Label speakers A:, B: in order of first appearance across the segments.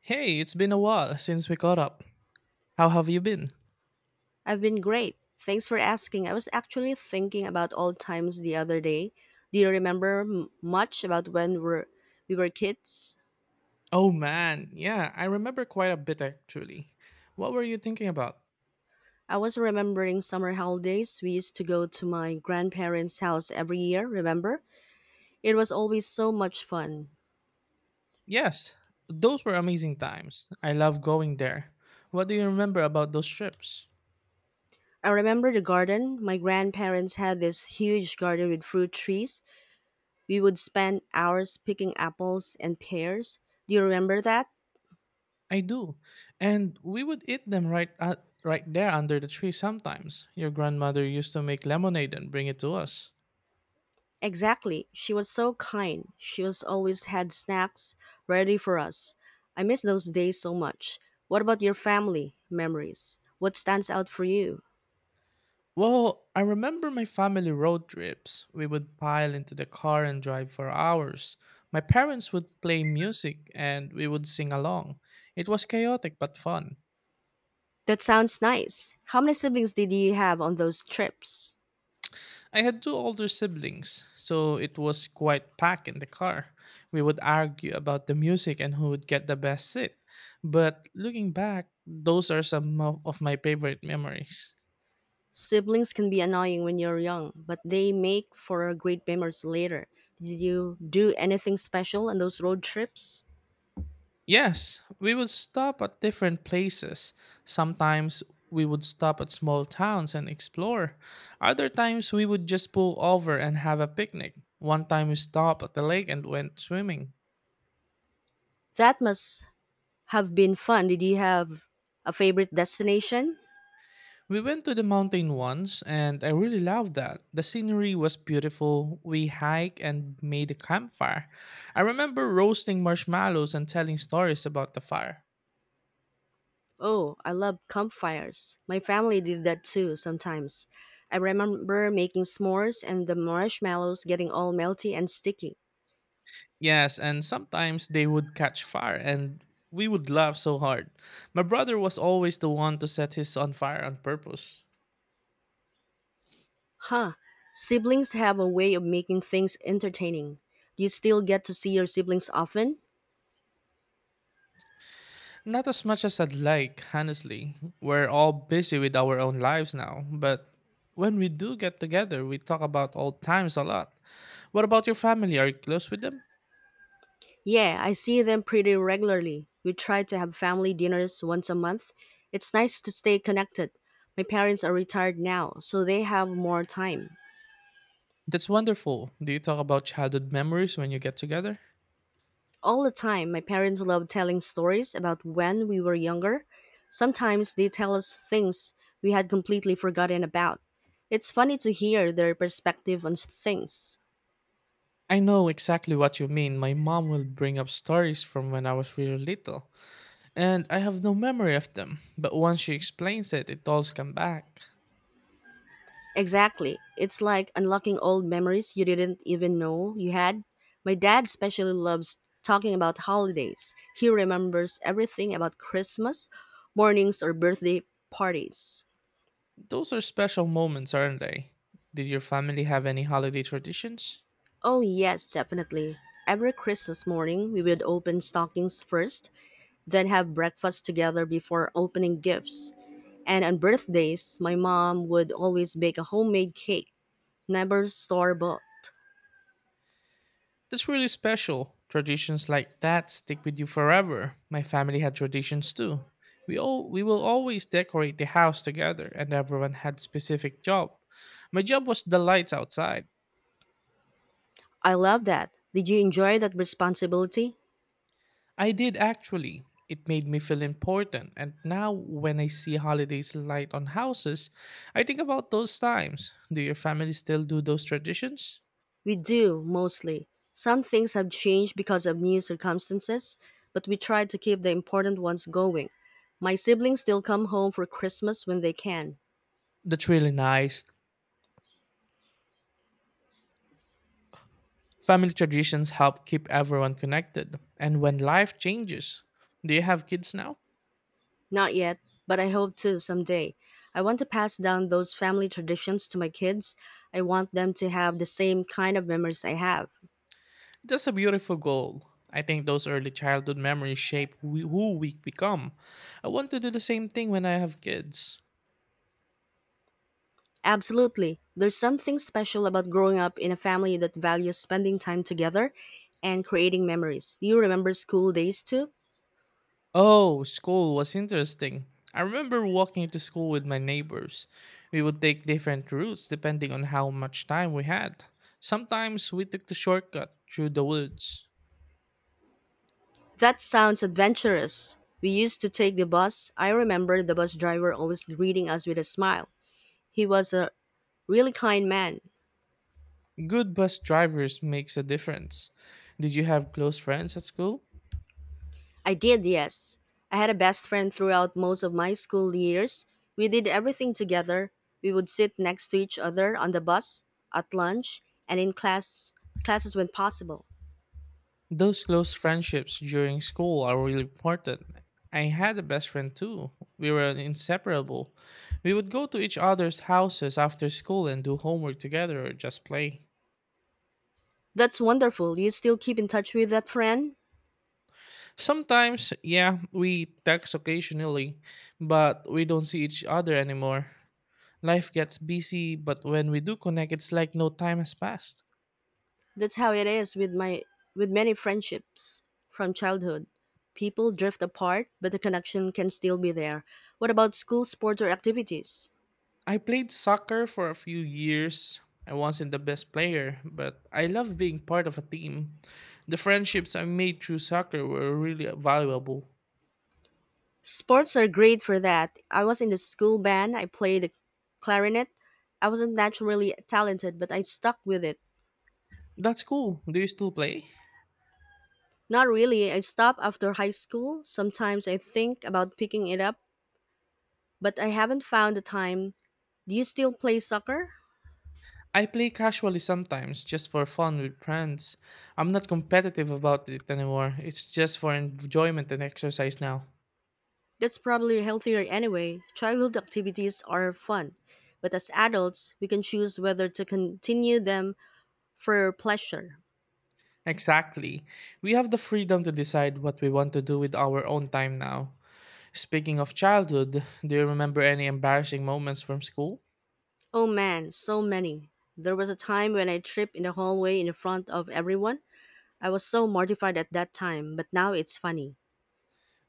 A: Hey, it's been a while since we caught up. How have you been?
B: I've been great. Thanks for asking. I was actually thinking about old times the other day. Do you remember much about when we were kids?
A: Oh man, yeah, I remember quite a bit actually. What were you thinking about?
B: I was remembering summer holidays. We used to go to my grandparents' house every year, remember? It was always so much fun.
A: Yes, those were amazing times. I love going there. What do you remember about those trips?
B: I remember the garden. My grandparents had this huge garden with fruit trees. We would spend hours picking apples and pears. Do you remember that?
A: I do. And we would eat them right there under the tree sometimes. Your grandmother used to make lemonade and bring it to us.
B: Exactly. She was so kind. She was always had snacks ready for us. I miss those days so much. What about your family memories? What stands out for you?
A: Well, I remember my family road trips. We would pile into the car and drive for hours. My parents would play music and we would sing along. It was chaotic but fun.
B: That sounds nice. How many siblings did you have on those trips?
A: I had two older siblings, so it was quite packed in the car. We would argue about the music and who would get the best seat. But looking back, those are some of my favorite memories.
B: Siblings can be annoying when you're young, but they make for great memories later. Did you do anything special on those road trips?
A: Yes, we would stop at different places. Sometimes we would stop at small towns and explore. Other times we would just pull over and have a picnic. One time we stopped at the lake and went swimming.
B: That must have been fun. Did you have a favorite destination?
A: We went to the mountain once and I really loved that. The scenery was beautiful. We hiked and made a campfire. I remember roasting marshmallows and telling stories about the fire.
B: Oh, I love campfires. My family did that too sometimes. I remember making s'mores and the marshmallows getting all melty and sticky.
A: Yes, and sometimes they would catch fire and we would laugh so hard. My brother was always the one to set his on fire on purpose.
B: Huh. Siblings have a way of making things entertaining. Do you still get to see your siblings often?
A: Not as much as I'd like, honestly. We're all busy with our own lives now, but when we do get together, we talk about old times a lot. What about your family? Are you close with them?
B: Yeah, I see them pretty regularly. We try to have family dinners once a month. It's nice to stay connected. My parents are retired now, so they have more time.
A: That's wonderful. Do you talk about childhood memories when you get together?
B: All the time, my parents love telling stories about when we were younger. Sometimes they tell us things we had completely forgotten about. It's funny to hear their perspective on things.
A: I know exactly what you mean. My mom will bring up stories from when I was really little, and I have no memory of them. But once she explains it, it all comes back.
B: Exactly. It's like unlocking old memories you didn't even know you had. My dad especially loves talking about holidays. He remembers everything about Christmas mornings, or birthday parties.
A: Those are special moments, aren't they? Did your family have any holiday traditions?
B: Oh, yes, definitely. Every Christmas morning, we would open stockings first, then have breakfast together before opening gifts. And on birthdays, my mom would always bake a homemade cake, never store bought.
A: That's really special. Traditions like that stick with you forever. My family had traditions too. We will always decorate the house together and everyone had specific job. My job was the lights outside.
B: I love that. Did you enjoy that responsibility?
A: I did actually. It made me feel important and now when I see holidays light on houses, I think about those times. Do your family still do those traditions?
B: We do, mostly. Some things have changed because of new circumstances, but we try to keep the important ones going. My siblings still come home for Christmas when they can.
A: That's really nice. Family traditions help keep everyone connected. And when life changes, do you have kids now?
B: Not yet, but I hope to someday. I want to pass down those family traditions to my kids. I want them to have the same kind of memories I have.
A: That's a beautiful goal. I think those early childhood memories shape who we become. I want to do the same thing when I have kids.
B: Absolutely. There's something special about growing up in a family that values spending time together and creating memories. Do you remember school days too?
A: Oh, school was interesting. I remember walking to school with my neighbors. We would take different routes depending on how much time we had. Sometimes we took the shortcut through the woods.
B: That sounds adventurous. We used to take the bus. I remember the bus driver always greeting us with a smile. He was a really kind man.
A: Good bus drivers makes a difference. Did you have close friends at school?
B: I did, yes. I had a best friend throughout most of my school years. We did everything together. We would sit next to each other on the bus, at lunch, and in classes when possible.
A: Those close friendships during school are really important. I had a best friend too. We were inseparable. We would go to each other's houses after school and do homework together or just play.
B: That's wonderful. You still keep in touch with that friend?
A: Sometimes, yeah, we text occasionally, but we don't see each other anymore. Life gets busy, but when we do connect, it's like no time has passed.
B: That's how it is with my with many friendships from childhood. People drift apart, but the connection can still be there. What about school sports or activities?
A: I played soccer for a few years. I wasn't the best player, but I loved being part of a team. The friendships I made through soccer were really valuable.
B: Sports are great for that. I was in the school band, I played the clarinet. I wasn't naturally talented, but I stuck with it.
A: That's cool. Do you still play?
B: Not really, I stopped after high school. Sometimes I think about picking it up, but I haven't found the time. Do you still play soccer?
A: I play casually sometimes, just for fun with friends. I'm not competitive about it anymore. It's just for enjoyment and exercise now.
B: That's probably healthier anyway. Childhood activities are fun, but as adults, we can choose whether to continue them for pleasure.
A: Exactly. We have the freedom to decide what we want to do with our own time now. Speaking of childhood, do you remember any embarrassing moments from school?
B: Oh man, so many. There was a time when I tripped in the hallway in front of everyone. I was so mortified at that time, but now it's funny.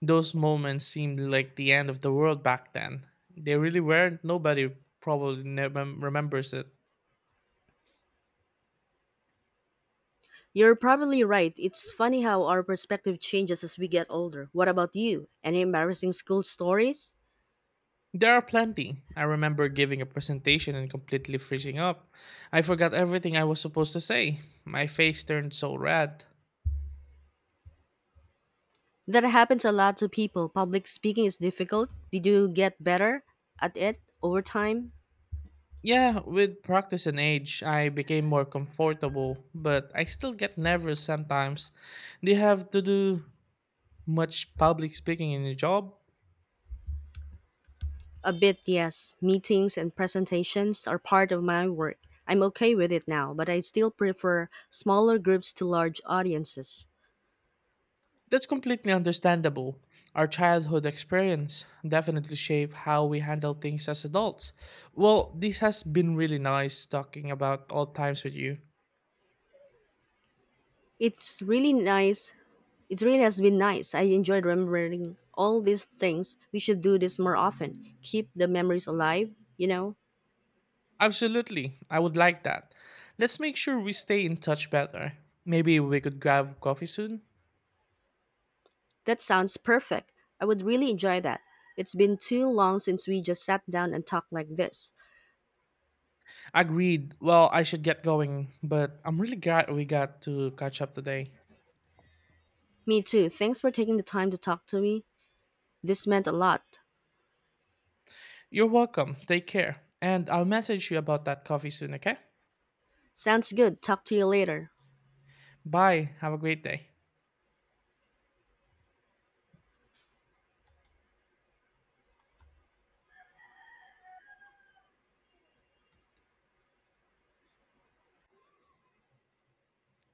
A: Those moments seemed like the end of the world back then. They really were. Nobody probably never remembers it.
B: You're probably right. It's funny how our perspective changes as we get older. What about you? Any embarrassing school stories?
A: There are plenty. I remember giving a presentation and completely freezing up. I forgot everything I was supposed to say. My face turned so red.
B: That happens a lot to people. Public speaking is difficult. Did you get better at it over time?
A: Yeah, with practice and age, I became more comfortable, but I still get nervous sometimes. Do you have to do much public speaking in your job?
B: A bit, yes. Meetings and presentations are part of my work. I'm okay with it now, but I still prefer smaller groups to large audiences.
A: That's completely understandable. Our childhood experience definitely shape how we handle things as adults. Well, this has been really nice talking about all times with you.
B: It's really nice. It really has been nice. I enjoyed remembering all these things. We should do this more often. Keep the memories alive, you know?
A: Absolutely. I would like that. Let's make sure we stay in touch better. Maybe we could grab coffee soon.
B: That sounds perfect. I would really enjoy that. It's been too long since we just sat down and talked like this.
A: Agreed. Well, I should get going, but I'm really glad we got to catch up today.
B: Me too. Thanks for taking the time to talk to me. This meant a lot.
A: You're welcome. Take care. And I'll message you about that coffee soon, okay?
B: Sounds good. Talk to you later.
A: Bye. Have a great day.